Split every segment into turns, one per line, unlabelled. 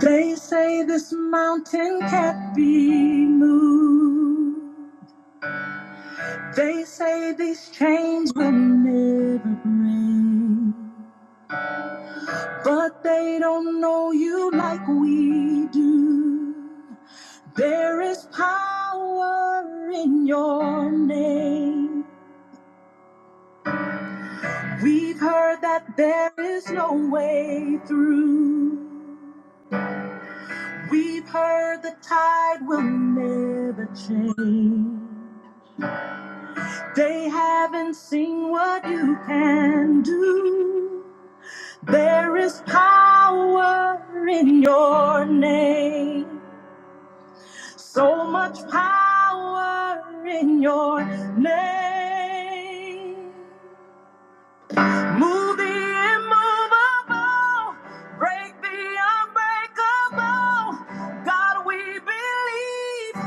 They say this mountain can't be moved. They say these chains will never break. But they don't know you like we do. There is power in your name. We've heard that there is no way through. We've heard the tide will never change. They haven't seen what you can do. There is power in your name. So much power in your name. Move the immovable. Break the unbreakable. God, we believe.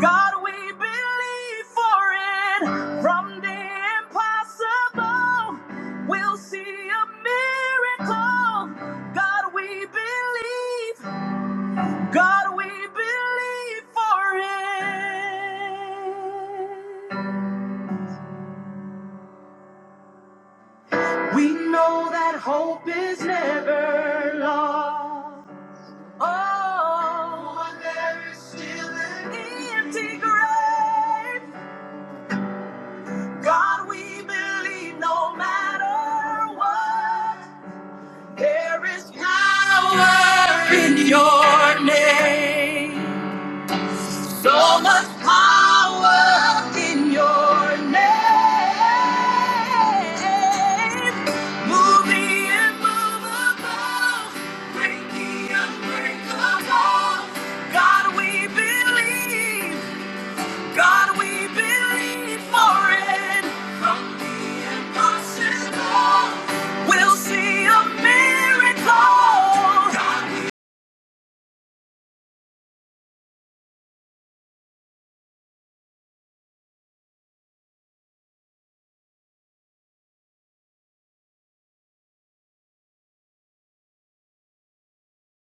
God, we believe for it. From the impossible, we'll see a miracle. God, we believe. God, we believe for it. We know that hope is never lost. Oh, for there is still an empty grave. God, we believe no matter what, there is power in your name. So much power in your name. Move the immovable, break the unbreakable. God, we believe. God, we believe for it. From the impossible, we'll see a miracle. God,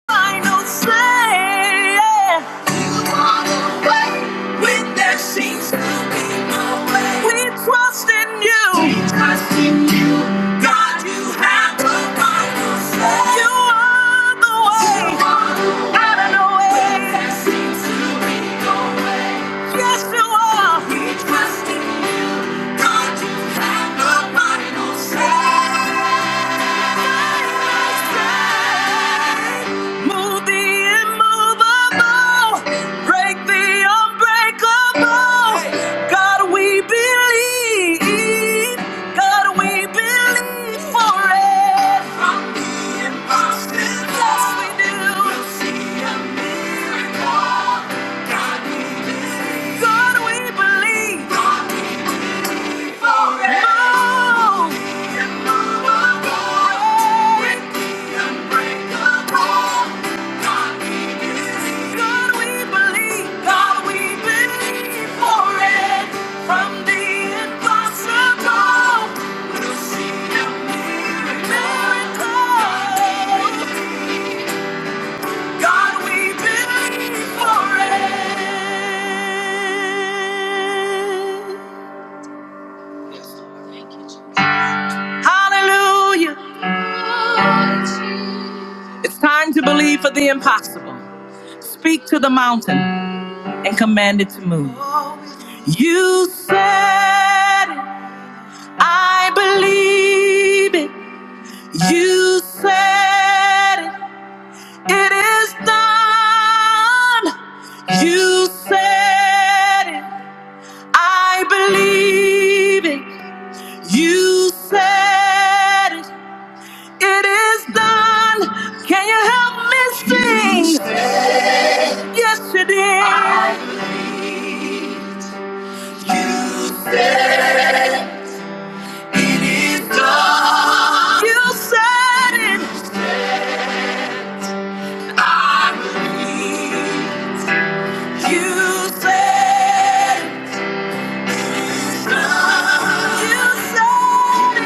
I know, say, yeah. When there seems to be no way, we trust in you. We trust in you. God, you have provided us. You are the way. You are the way. Out of no way. When there seems to be no way, yes, you are. We trust in you. God, you have provided us. Move the immovable, break the unbreakable. God, we believe. God, we believe for it. From the impossible, yes, we do. We'll see a miracle. God, we believe. God, we believe. God, we believe. God, we believe for it. Hallelujah. It's time to believe for the impossible. Speak to the mountain and command it to move. You said it. I believe it. You said it. It is done. You said it. I believe it. You said it. It is done. Can you help me sing? Yes, it is. It is done. You said it. You said it. You said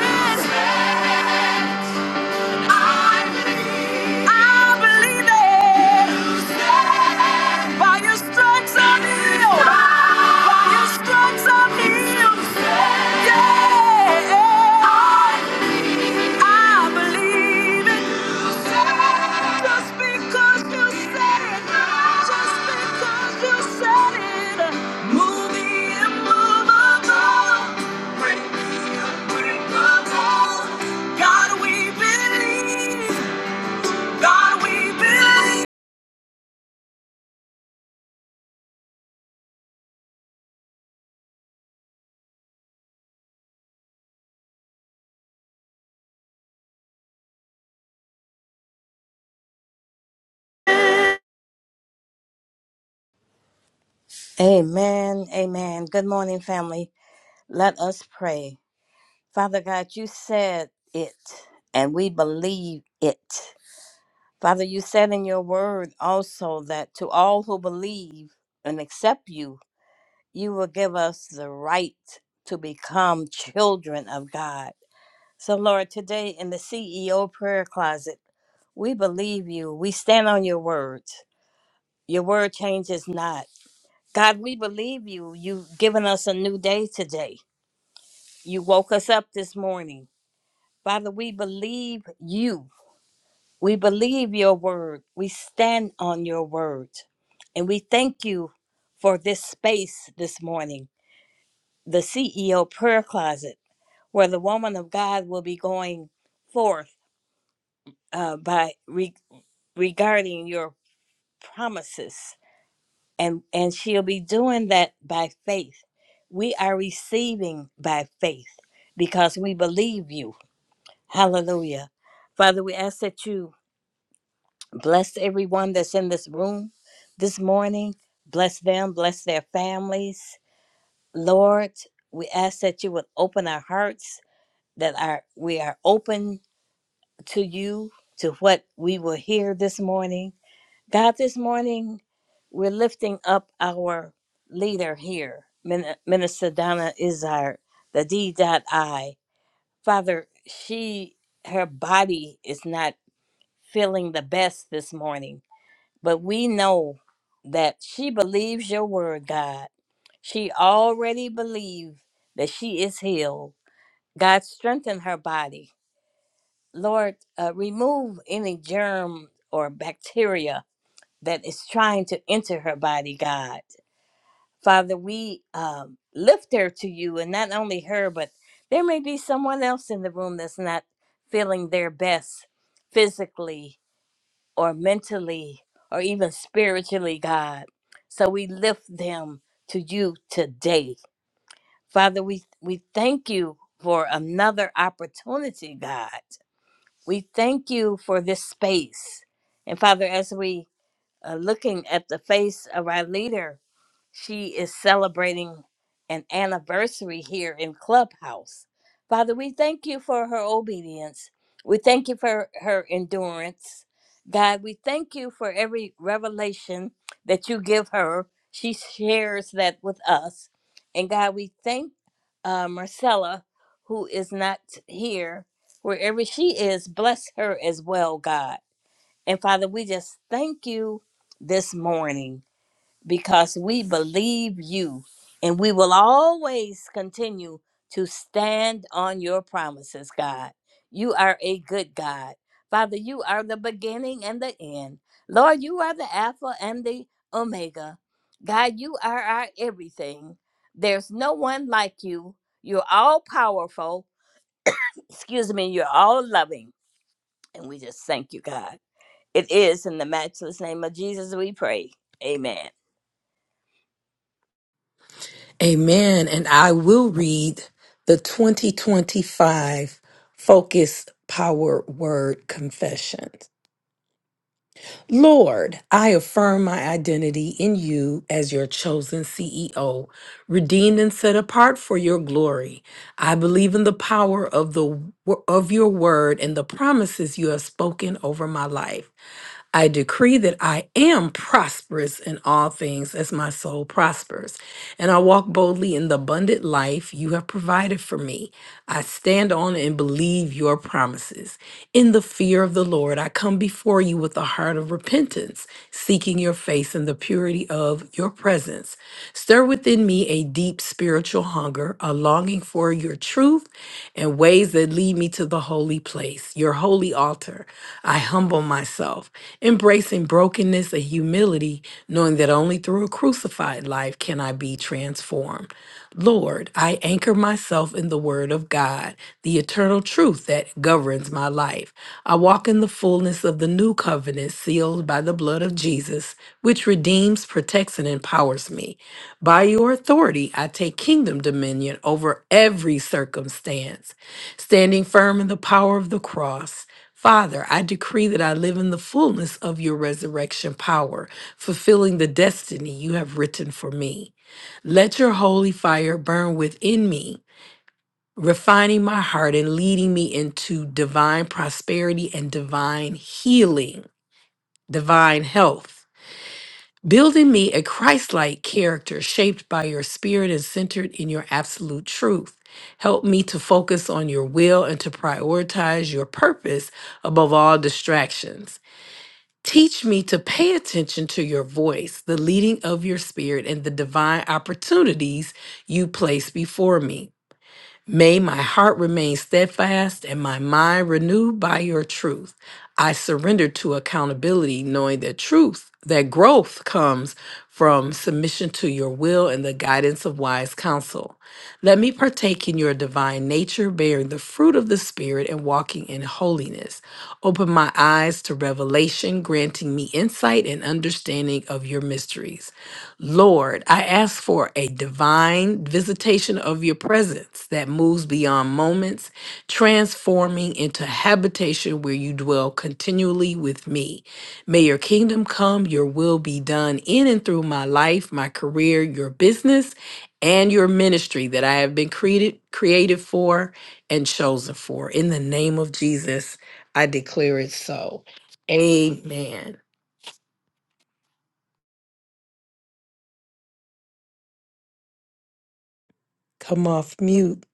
it. I believe it. By your stripes I'm healed. By your stripes I'm healed. Yeah. I believe it. Just because you said it. Just because you said it. Move the immovable. Break the unbreakable. God, we believe. God, we believe.
Amen. Amen. Good morning, family. Let us pray. Father God, you said it, and we believe it. Father, you said in your word also that to all who believe and accept you, you will give us the right to become children of God. So, Lord, today in the CEO prayer closet, we believe you. We stand on your word. Your word changes not. God, we believe you. You've given us a new day today. You woke us up this morning. Father, we believe you. We believe your word. We stand on your word. And we thank you for this space this morning, the CEO prayer closet, where the woman of God will be going forth uh, by re- regarding your promises and and she'll be doing that by faith we are receiving by faith because we believe you hallelujah father we ask that you bless everyone that's in this room this morning bless them bless their families lord we ask that you would open our hearts that our we are open to you to what we will hear this morning God, this morning we're lifting up our leader here, Min- Minister Donna Izard, the D.I. Father, she her body is not feeling the best this morning, but we know that she believes your word, God. She already believes that she is healed. God, strengthen her body. Lord, uh, remove any germ or bacteria that is trying to enter her body, God. Father, we um, lift her to you, and not only her, but there may be someone else in the room that's not feeling their best physically or mentally or even spiritually, God. So we lift them to you today. Father, we, we thank you for another opportunity, God. We thank you for this space. And Father, as we uh, looking at the face of our leader, she is celebrating an anniversary here in Clubhouse. Father, we thank you for her obedience. We thank you for her endurance. God, we thank you for every revelation that you give her. She shares that with us. And God, we thank uh, Marcella, who is not here, wherever she is, bless her as well, God. And Father, we just thank you this morning because we believe you and we will always continue to stand on your promises, God. You are a good God. Father, you are the beginning and the end. Lord, you are the Alpha and the Omega. God, you are our everything. There's no one like you. You're all powerful. Excuse me, you're all loving. And we just thank you, God. It is in the matchless name of Jesus we pray. Amen.
Amen. And I will read the 2025 Focus Power Word Confession. Lord, I affirm my identity in you as your chosen CEO, redeemed and set apart for your glory. I believe in the power of the of your word and the promises you have spoken over my life. I decree that I am prosperous in all things as my soul prospers, and I walk boldly in the abundant life you have provided for me. I stand on and believe your promises. In the fear of the Lord, I come before you with a heart of repentance, seeking your face and the purity of your presence. Stir within me a deep spiritual hunger, a longing for your truth and ways that lead me to the holy place, your holy holy altar, I humble myself, embracing brokenness and humility, knowing that only through a crucified life can I be transformed. Lord, I anchor myself in the Word of God, the eternal truth that governs my life. I walk in the fullness of the new covenant sealed by the blood of Jesus, which redeems, protects, and empowers me. By your authority, I take kingdom dominion over every circumstance, standing firm in the power of the cross. Father, I decree that I live in the fullness of your resurrection power, fulfilling the destiny you have written for me. Let your holy fire burn within me, refining my heart and leading me into divine prosperity and divine healing, divine health. Build in me a Christ like character shaped by your spirit and centered in your absolute truth. Help me to focus on your will and to prioritize your purpose above all distractions. Teach me to pay attention to your voice, the leading of your spirit, and the divine opportunities you place before me. May my heart remain steadfast and my mind renewed by your truth. I surrender to accountability, knowing that truth, that growth comes from submission to your will and the guidance of wise counsel. Let me partake in your divine nature, bearing the fruit of the Spirit and walking in holiness. Open my eyes to revelation, granting me insight and understanding of your mysteries. Lord, I ask for a divine visitation of your presence that moves beyond moments, transforming into habitation where you dwell continually with me. May your kingdom come, your will be done in and through my life, my career, your business and your ministry that I have been created created for and chosen for. In the name of Jesus, I declare it so. Amen. Come off mute.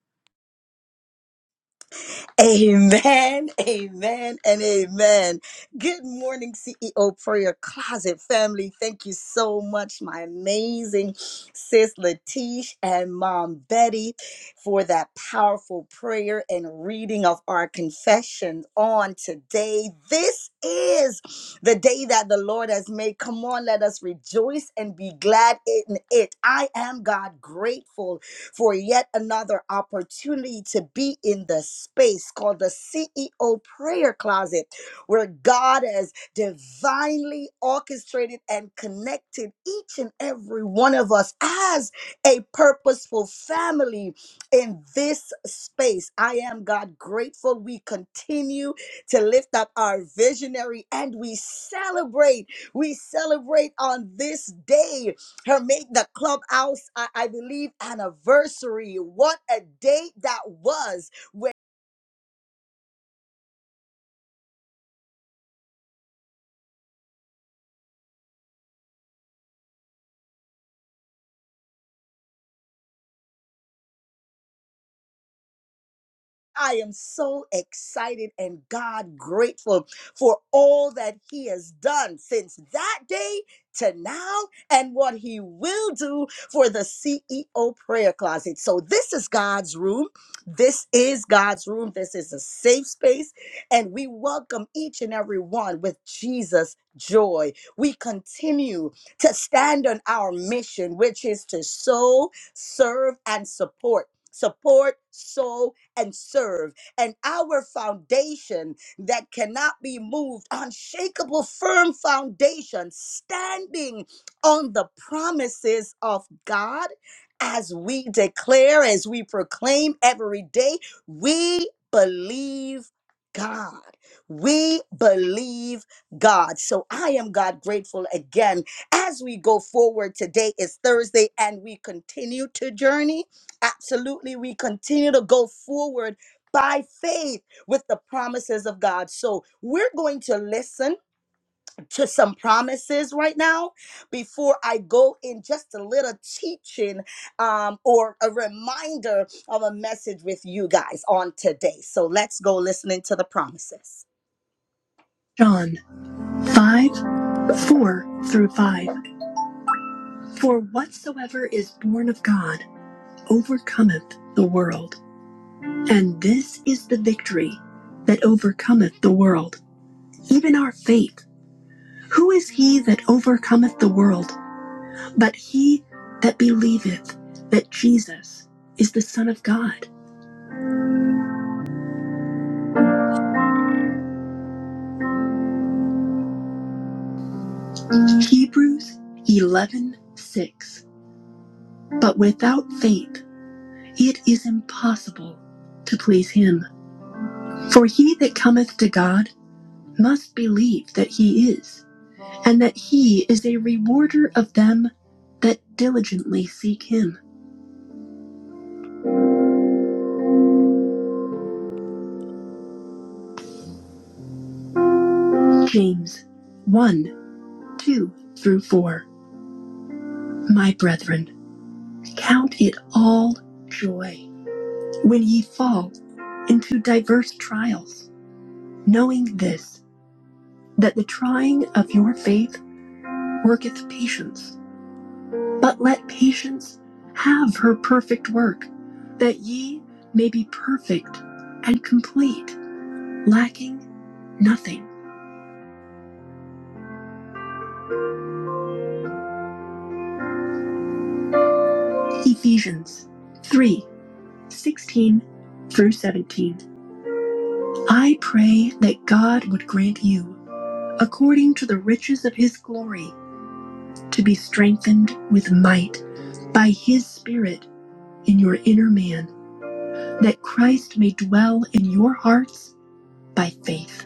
John 5 4 through 5. For whatsoever is born of God overcometh the world. And this is the victory that overcometh the world, even our faith. Who is he that overcometh the world but he that believeth that Jesus is the Son of God? Hebrews eleven six. But without faith it is impossible to please him. For he that cometh to God must believe that he is, and that he is a rewarder of them that diligently seek him. James 1 2 through 4. My brethren, count it all joy when ye fall into diverse trials, knowing this, that the trying of your faith worketh patience. But let patience have her perfect work, that ye may be perfect and complete, lacking nothing. Ephesians 3:16 through 17. I pray that God would grant you, according to the riches of his glory, to be strengthened with might by his Spirit in your inner man, that Christ may dwell in your hearts by faith.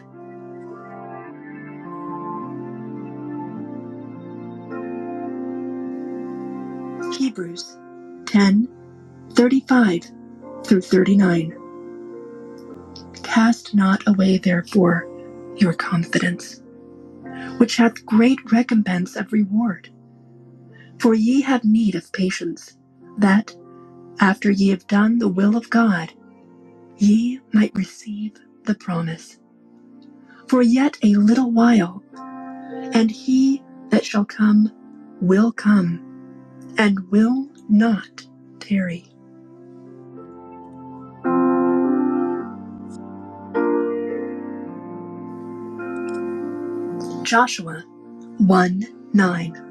Hebrews 10. 35 through 39. Cast not away, therefore, your confidence, which hath great recompense of reward. For ye have need of patience, that, after ye have done the will of God, ye might receive the promise. For yet a little while, and he that shall come will come, and will not tarry. Joshua 1 9.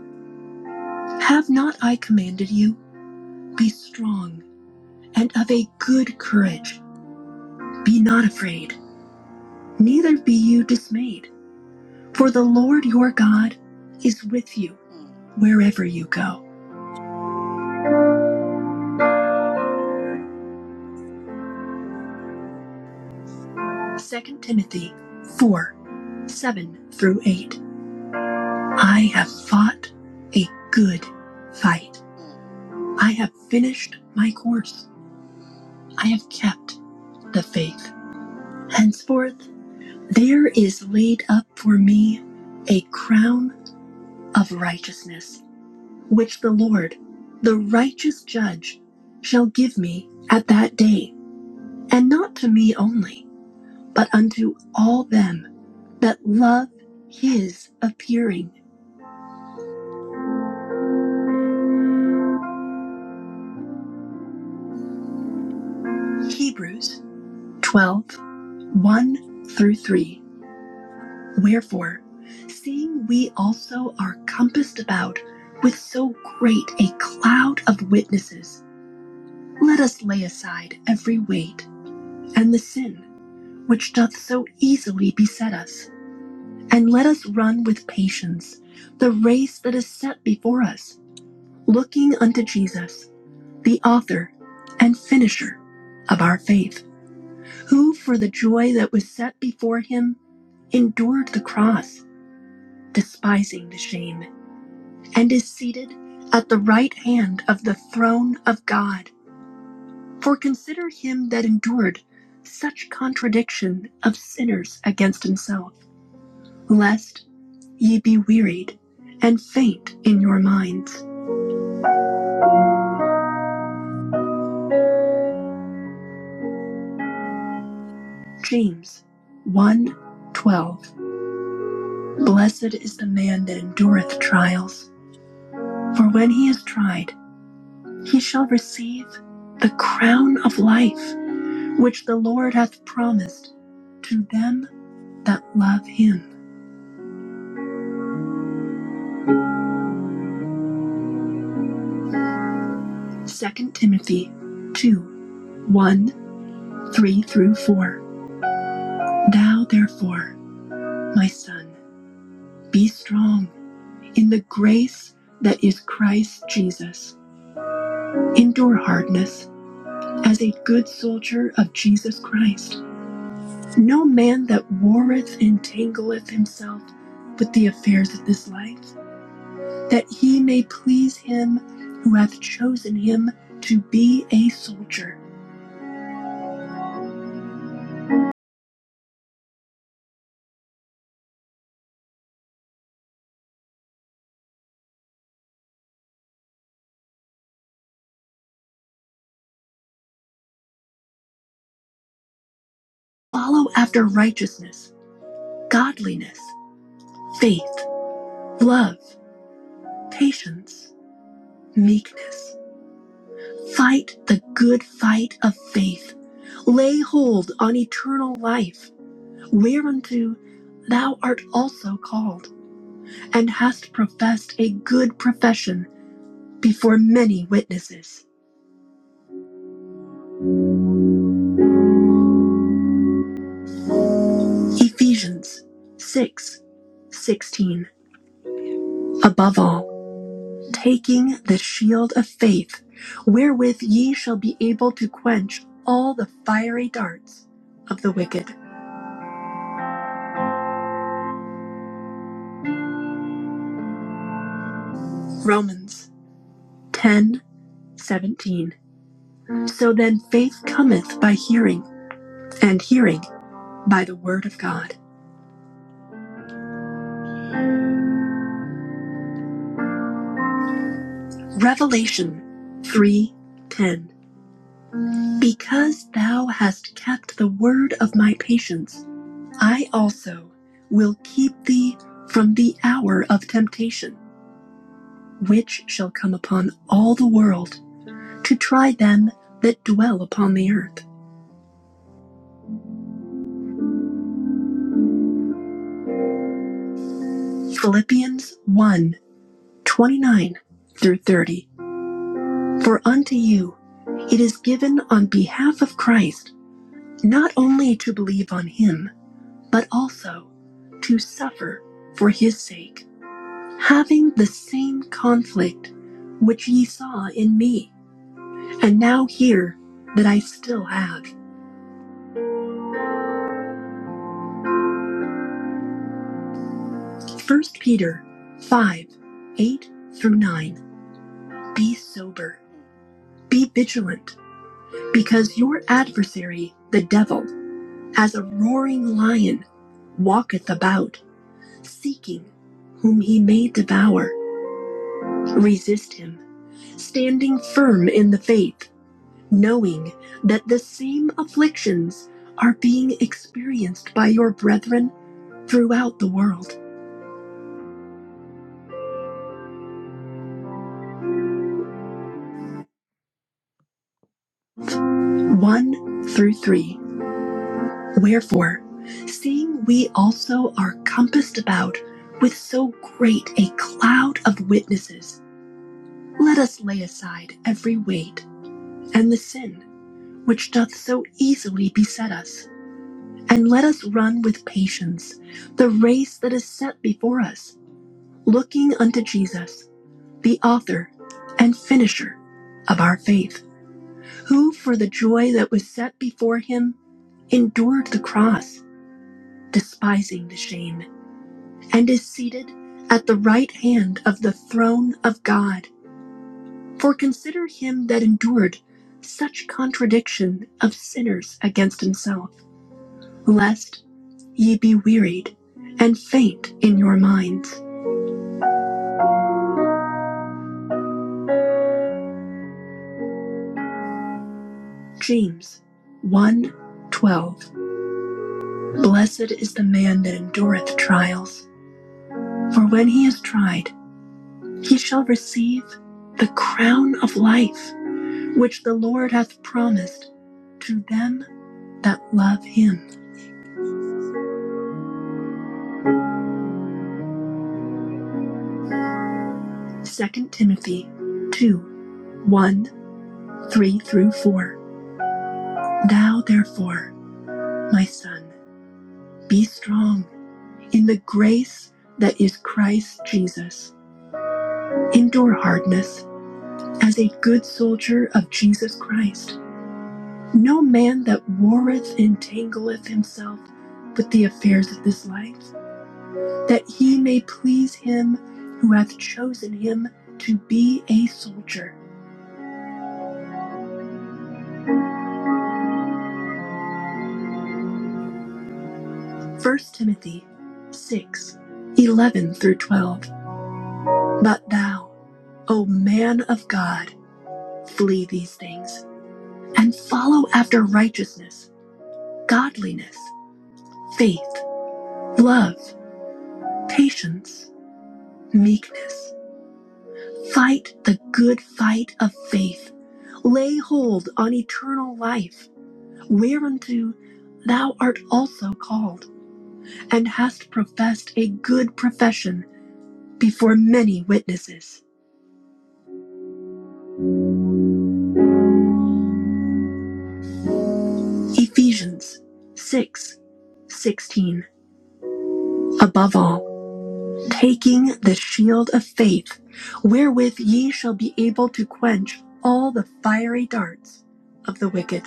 Have not I commanded you? Be strong and of a good courage. Be not afraid, neither be you dismayed, for the Lord your God is with you wherever you go. Second Timothy 4 7 through 8. I have fought a good fight. I have finished my course. I have kept the faith. Henceforth, there is laid up for me a crown of righteousness which the Lord, the righteous judge, shall give me at that day, and not to me only, but unto all them that love his appearing. Hebrews 12 one through 3. Wherefore, seeing we also are compassed about with so great a cloud of witnesses, let us lay aside every weight and the sin which doth so easily beset us And let us run with patience the race that is set before us, looking unto Jesus, the author and finisher of our faith, who for the joy that was set before him endured the cross, despising the shame, and is seated at the right hand of the throne of God. For consider him that endured such contradiction of sinners against himself, lest ye be wearied and faint in your minds. James one, 12. Blessed is the man that endureth trials, for when he is tried, he shall receive the crown of life which the Lord hath promised to them that love him. Second Timothy two, one, three through 4. Thou therefore, my son, be strong in the grace that is Christ Jesus. Endure hardness as a good soldier of Jesus Christ. No man that warreth entangleth himself with the affairs of this life, that he may please him who hath chosen him to be a soldier. Follow after righteousness, godliness, faith, love, patience, meekness. Fight the good fight of faith. Lay hold on eternal life whereunto thou art also called, and hast professed a good profession before many witnesses. Ephesians 6:16. Above all, taking the shield of faith, wherewith ye shall be able to quench all the fiery darts of the wicked. Romans 10:17. So then faith cometh by hearing, and hearing by the word of God. Revelation 3:10 Because thou hast kept the word of my patience I also will keep thee from the hour of temptation which shall come upon all the world to try them that dwell upon the earth Philippians one twenty nine through 30 For unto you it is given on behalf of Christ not only to believe on him but also to suffer for his sake, having the same conflict which ye saw in me, and now hear that I still have. First Peter 5 8 through 9. Be sober, be vigilant, because your adversary, the devil, as a roaring lion, walketh about, seeking whom he may devour. Resist him, standing firm in the faith knowing that the same afflictions are being experienced by your brethren throughout the world. 1 through 3. Wherefore, seeing we also are compassed about with so great a cloud of witnesses, let us lay aside every weight and the sin which doth so easily beset us, and let us run with patience the race that is set before us, looking unto Jesus the author and finisher of our faith, who for the joy that was set before him endured the cross, despising the shame, and is seated at the right hand of the throne of God. For consider him that endured such contradiction of sinners against himself, lest ye be wearied and faint in your minds. James one, 12. Blessed is the man that endureth trials For when he is tried, he shall receive the crown of life which the Lord hath promised to them that love him. Second Timothy two, one, three through 4. Thou therefore, my son, be strong in the grace that is Christ Jesus. Endure hardness as a good soldier of Jesus Christ. No man that warreth entangleth himself with the affairs of this life that he may please him who hath chosen him to be a soldier. First Timothy 6 11 through 12. But thou, O man of God, flee these things, and follow after righteousness, godliness, faith, love, patience, meekness. Fight the good fight of faith. Lay hold on eternal life, whereunto thou art also called and hast professed a good profession before many witnesses. Ephesians 6:16. Above all, taking the shield of faith, wherewith ye shall be able to quench all the fiery darts of the wicked.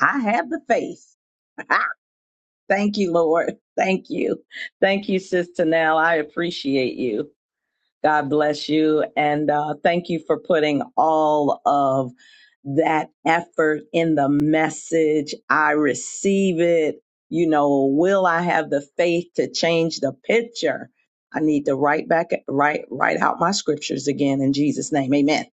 I have the faith. Thank you, Lord. Thank you. Thank you, Sister Nell. I appreciate you. God bless you. And uh, thank you for putting all of that effort in the message. I receive it. You know, will I have the faith to change the picture? I need to write back, write, write out my scriptures again in Jesus' name. Amen.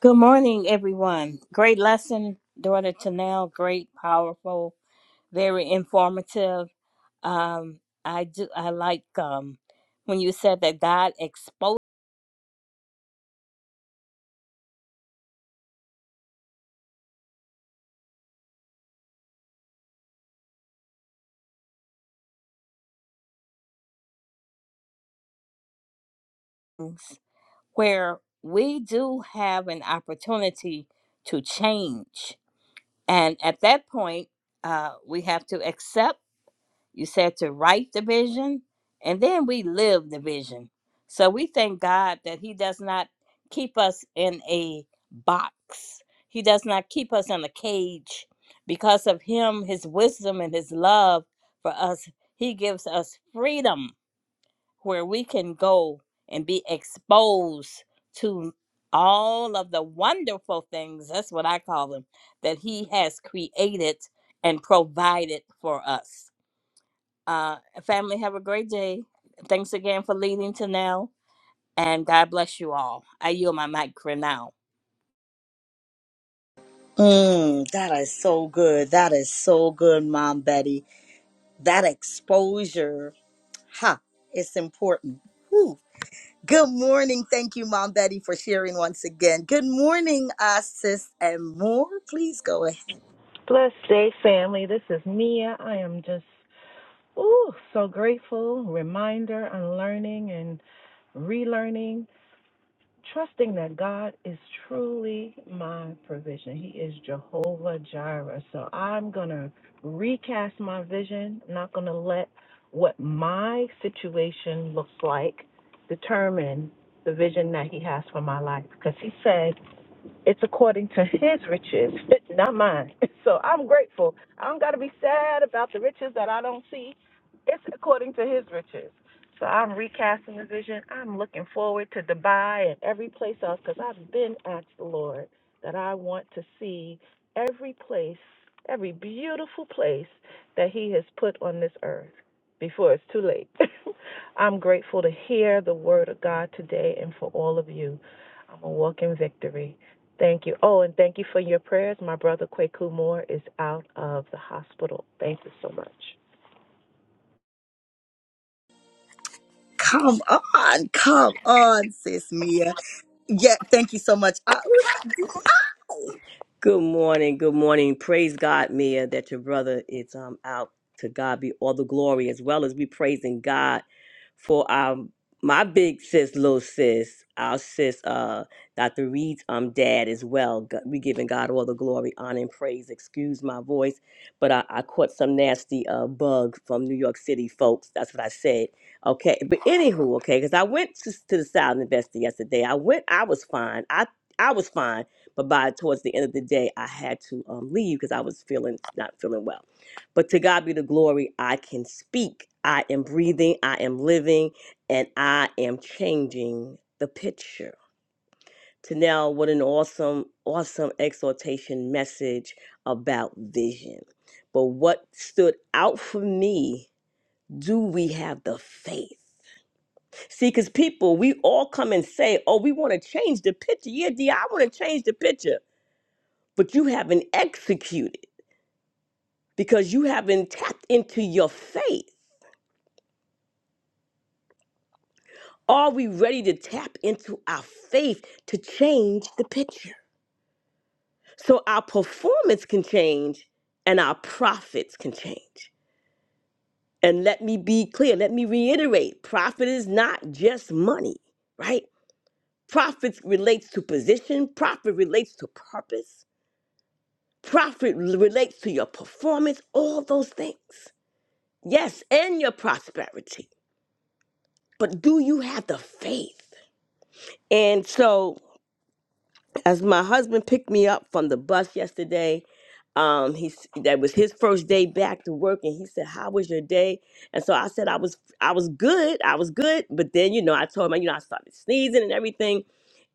Good morning, everyone. Great lesson, daughter Tanel. Great, powerful, very informative. Um, I do. I like um when you said that God exposes where we do have an opportunity to change, and at that point, uh, we have to accept. You said to write the vision, and then we live the vision. So we thank God that He does not keep us in a box, He does not keep us in a cage. Because of Him, His wisdom, and His love for us, He gives us freedom where we can go and be exposed to all of the wonderful things that's what I call them that He has created and provided for us. Uh, family, have a great day. Thanks again for leading to now, and God bless you all. I yield my mic for now.
Blessed day, family. This is Mia. I am just, ooh, so grateful. Reminder, unlearning and relearning, trusting that God is truly my provision. He is Jehovah Jireh. So I'm going to recast my vision. I'm not going to let what my situation looks like determine the vision that He has for my life. Because He said, it's according to his riches, not mine. So I'm grateful. I don't got to be sad about the riches that I don't see. It's according to his riches. So I'm recasting the vision. I'm looking forward to Dubai and every place else because I've been asked the Lord that I want to see every place, every beautiful place that he has put on this earth before it's too late. I'm grateful to hear the word of God today and for all of you. I'm a walk in victory. Thank you. Oh, and thank you for your prayers. My brother Kwaku Moore is out of the hospital. Thank you so much.
Good morning. Good morning. Praise God, Mia, that your brother is um out. To God be all the glory, as well as we praising God for um my big sis, little sis, our sis, uh, Dr. Reed's um dad as well. Go- We giving God all the glory, honor, and praise. Excuse my voice, but I, I caught some nasty uh bug from New York City, folks. That's what I said. Okay, but anywho, okay, because I went to, to the South Investor yesterday. I went. I was fine. I I was fine but by towards the end of the day, I had to um, leave because I was feeling not feeling well. But to God be the glory, I can speak. I am breathing, I am living, and I am changing the picture. To now, what an awesome, awesome exhortation message about vision. But what stood out for me do we have the faith? See, because people, we all come and say, Oh, we want to change the picture. Yeah, D, I want to change the picture but you haven't executed because you haven't tapped into your faith. Are we ready to tap into our faith to change the picture? So our performance can change and our profits can change. And let me be clear, let me reiterate profit is not just money, right? Profits relates to position, profit relates to purpose, profit relates to your performance, all those things. Yes, and your prosperity. But do you have the faith? And so, as my husband picked me up from the bus yesterday, um, he s- that was his first day back to work, and he said, "How was your day?" And so I said, "I was, I was good, I was good." But then, you know, I told him, you know, I started sneezing and everything,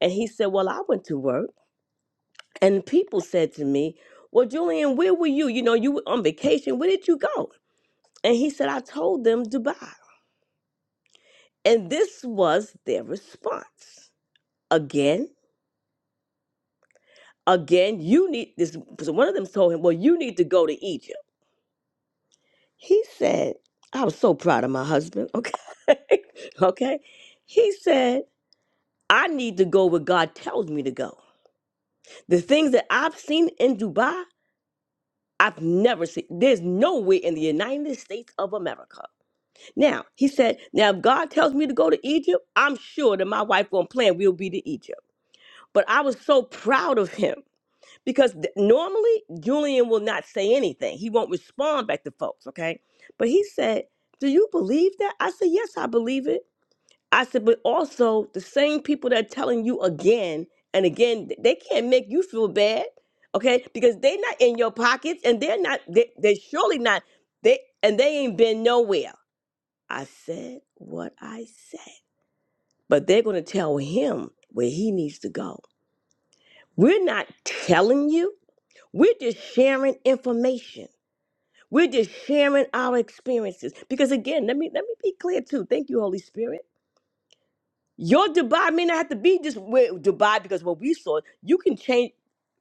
and he said, "Well, I went to work, and people said to me, 'Well, Julian, where were you? You know, you were on vacation. Where did you go?'" And he said, "I told them Dubai," and this was their response again. Again, you need this. So one of them told him, Well, you need to go to Egypt. He said, I was so proud of my husband. Okay. okay. He said, I need to go where God tells me to go. The things that I've seen in Dubai, I've never seen. There's nowhere in the United States of America. Now, he said, Now, if God tells me to go to Egypt, I'm sure that my wife won't plan we'll be to Egypt. But I was so proud of him because th- normally Julian will not say anything. He won't respond back to folks, okay? But he said, "Do you believe that?" I said, "Yes, I believe it." I said, "But also the same people that are telling you again and again, th- they can't make you feel bad, okay? Because they're not in your pockets, and they're not. They, they're surely not. They and they ain't been nowhere." I said what I said, but they're gonna tell him where he needs to go. We're not telling you. We're just sharing information. We're just sharing our experiences. Because again, let me let me be clear too. Thank you, Holy Spirit. Your Dubai may not have to be just where Dubai because what we saw, you can change.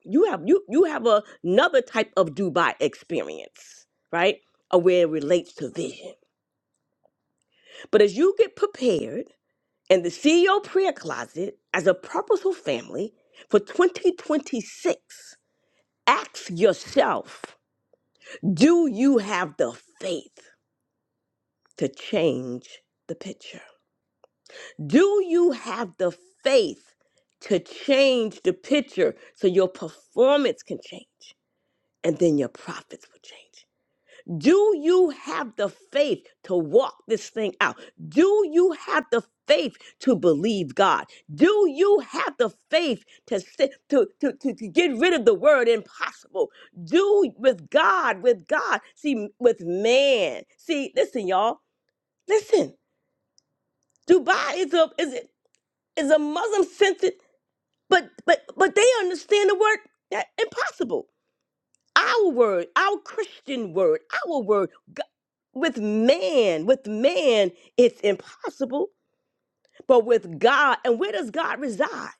You have you you have a- another type of Dubai experience, right? Of where it relates to vision. But as you get prepared in the CEO prayer closet as a purposeful family for 2026, ask yourself, do you have the faith? to change the picture? Do you have the faith to change the picture so your performance can change and then your profits will change? Do you have the faith to walk this thing out? Do you have the faith to believe God? Do you have the faith to, sit, to, to, to, to get rid of the word impossible? Do with God, with God. See, with man. See, listen, y'all. Listen. Dubai is a is is a Muslim centered, but but but they understand the word that impossible. Our word, our Christian word, our word G- with man, with man, it's impossible. But with God, and where does God reside?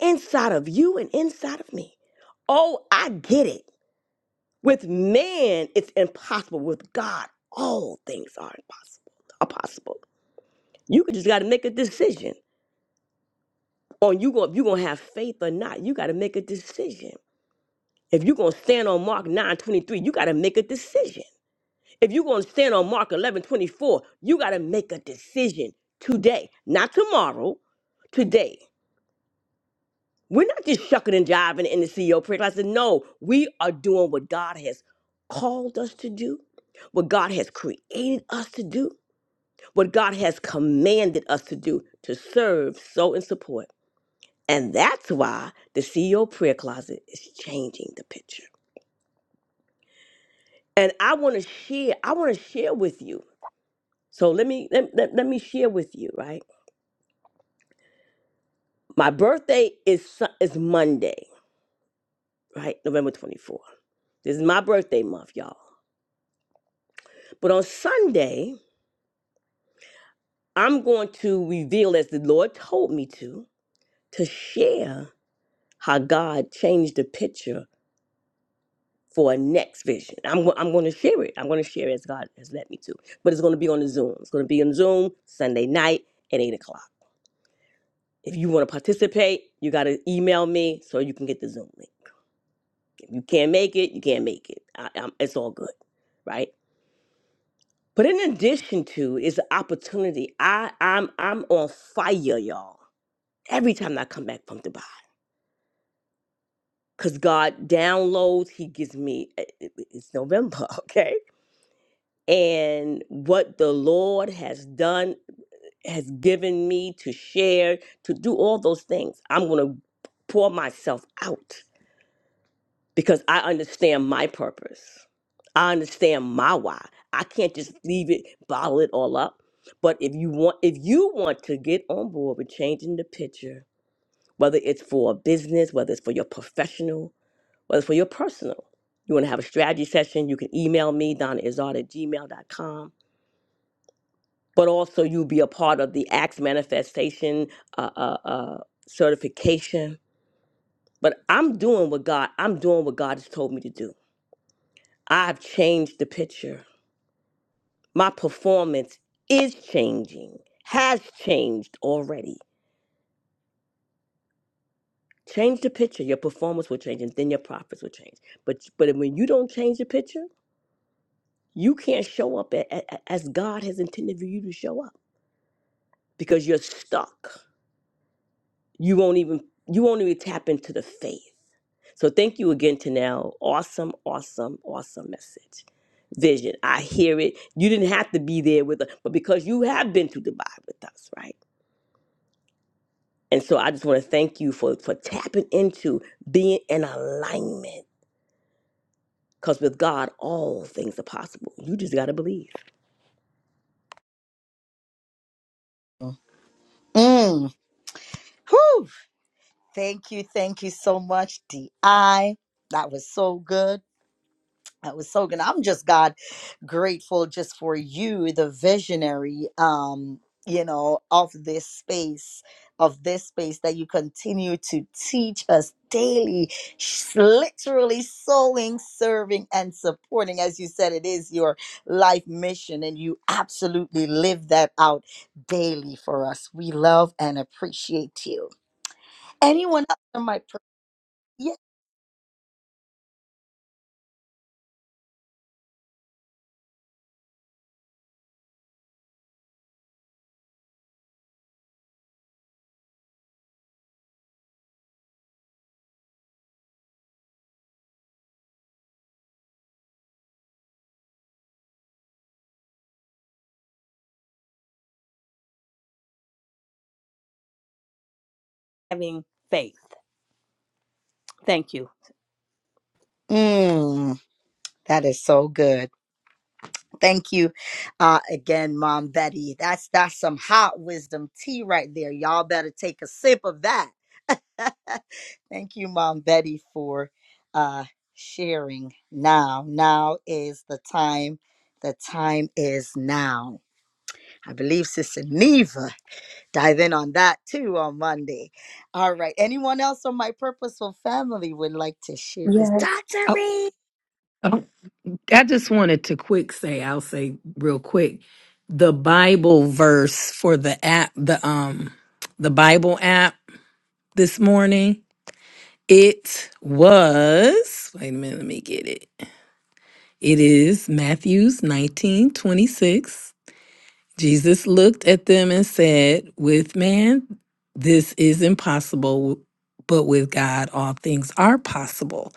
Inside of you and inside of me. Oh, I get it. With man, it's impossible. With God, all things are impossible. Are possible. You just got to make a decision on you going you gonna have faith or not. You gotta make a decision. If you're gonna stand on Mark 9:23, you gotta make a decision. If you're gonna stand on Mark 11:24, you gotta make a decision today, not tomorrow, today. We're not just shucking and jiving in the CEO prayer class. No, we are doing what God has called us to do, what God has created us to do, what God has commanded us to do to serve, sow, and support. And that's why the CEO prayer closet is changing the picture. And I want to share, I want to share with you. So let me let, let, let me share with you, right? My birthday is Su- is Monday, right? November 24th. This is my birthday month, y'all. But on Sunday, I'm going to reveal as the Lord told me to to share how God changed the picture for a next vision. I'm go- I'm going to share it. I'm going to share it as God has led me to. But it's going to be on the Zoom. It's going to be on Zoom Sunday night at eight o'clock. If you want to participate, you got to email me so you can get the Zoom link. You can't make it. You can't make it. I, i it's all good, right? But in addition to is the opportunity. I I'm I'm on fire, y'all. Every time I come back from Dubai, cause God downloads. He gives me. it- it- It's November, okay? and what the Lord has done. has given me to share, to do all those things. I'm going to pour myself out because I understand my purpose. I understand my why. I can't just leave it, bottle it all up. But if you want, if you want to get on board with changing the picture, whether it's for a business, whether it's for your professional, whether it's for your personal, you want to have a strategy session, you can email me, donnaizard at gmail dot com. but also you'll be a part of the acts manifestation uh, uh, uh, certification but i'm doing what god i'm doing what god has told me to do i've changed the picture my performance is changing has changed already change the picture your performance will change and then your profits will change but but when you don't change the picture you can't show up a- a- a- as god has intended for you to show up because you're stuck you won't even you won't even tap into the faith So thank you again, Tanel. Awesome, awesome, awesome message. Vision. I hear it. You didn't have to be there with us, but because you have been through Dubai with us, right? And so I just want to thank you for for tapping into being in alignment. Because with God, all things are possible. You just gotta believe.
Having faith. Thank you.
yes
Oh, I just wanted to quick say, I'll say real quick, the Bible verse for the app, the um the Bible app this morning. It was, wait a minute, let me get it. It is Matthews 19 26. Jesus looked at them and said, With man, this is impossible, but with God, all things are possible.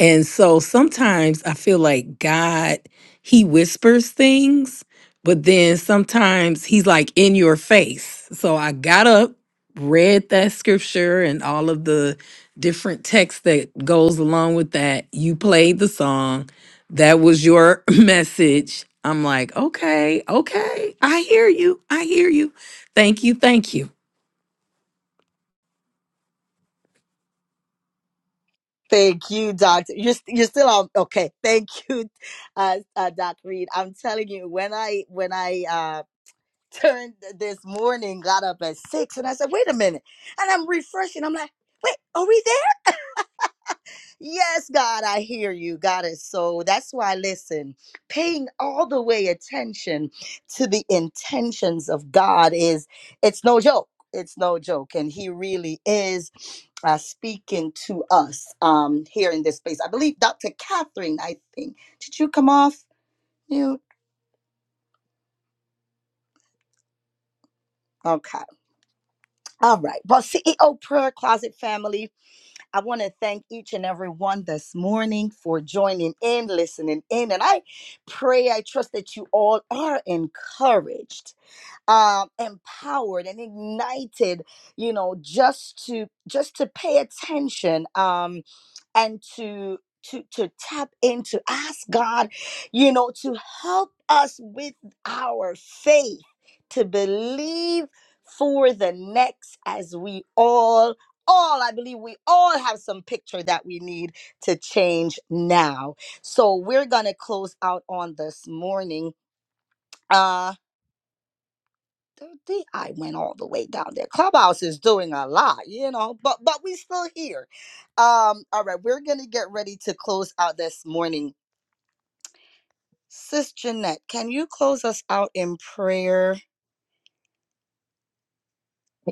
And so sometimes I feel like God, he whispers things, but then sometimes he's like in your face. So I got up, read that scripture and all of the different text that goes along with that. You played the song that was your message. I'm like, okay, okay. I hear you. I hear you. Thank you. Thank you.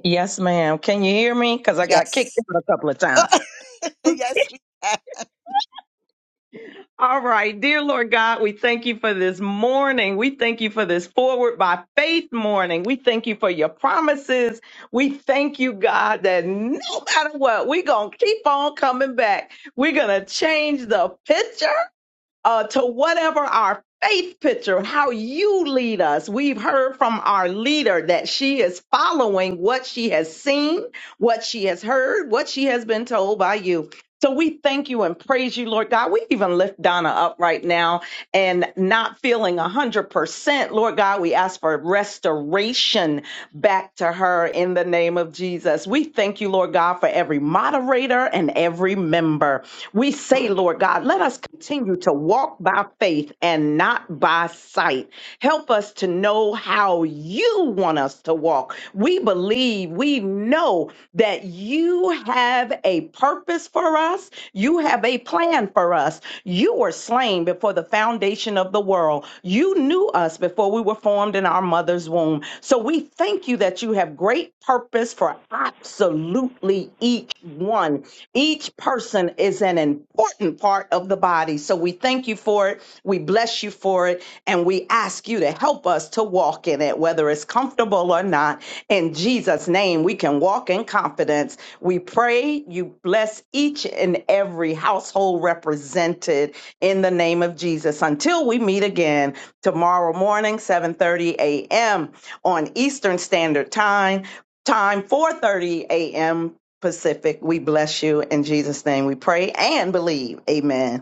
Yes, ma'am. Can you hear me? Because I got kicked out a couple of times. All right, dear Lord God, we thank you for this morning. We thank you for this forward by faith morning. We thank you for your promises. We thank you, God, that no matter what, we're going to keep on coming back. We're going to change the picture uh, to whatever our faith picture, how you lead us. We've heard from our leader that she is following what she has seen, what she has heard, what she has been told by you. So we thank you and praise you, Lord God. We even lift Donna up right now and not feeling 100%. Lord God, we ask for restoration back to her in the name of Jesus. We thank you, Lord God, for every moderator and every member. We say, Lord God, let us continue to walk by faith and not by sight. Help us to know how you want us to walk. We believe, we know that you have a purpose for us. You have a plan for us. You were slain before the foundation of the world. You knew us before we were formed in our mother's womb. So we thank you that you have great purpose for absolutely each one. Each person is an important part of the body. So we thank you for it. We bless you for it. And we ask you to help us to walk in it, whether it's comfortable or not. In Jesus' name, we can walk in confidence we pray you bless each and every household represented in the name of Jesus until we meet again tomorrow morning 7:30 a.m. on Eastern Standard Time, time 4:30 a.m. Pacific. We bless you in Jesus name. We pray and believe. Amen.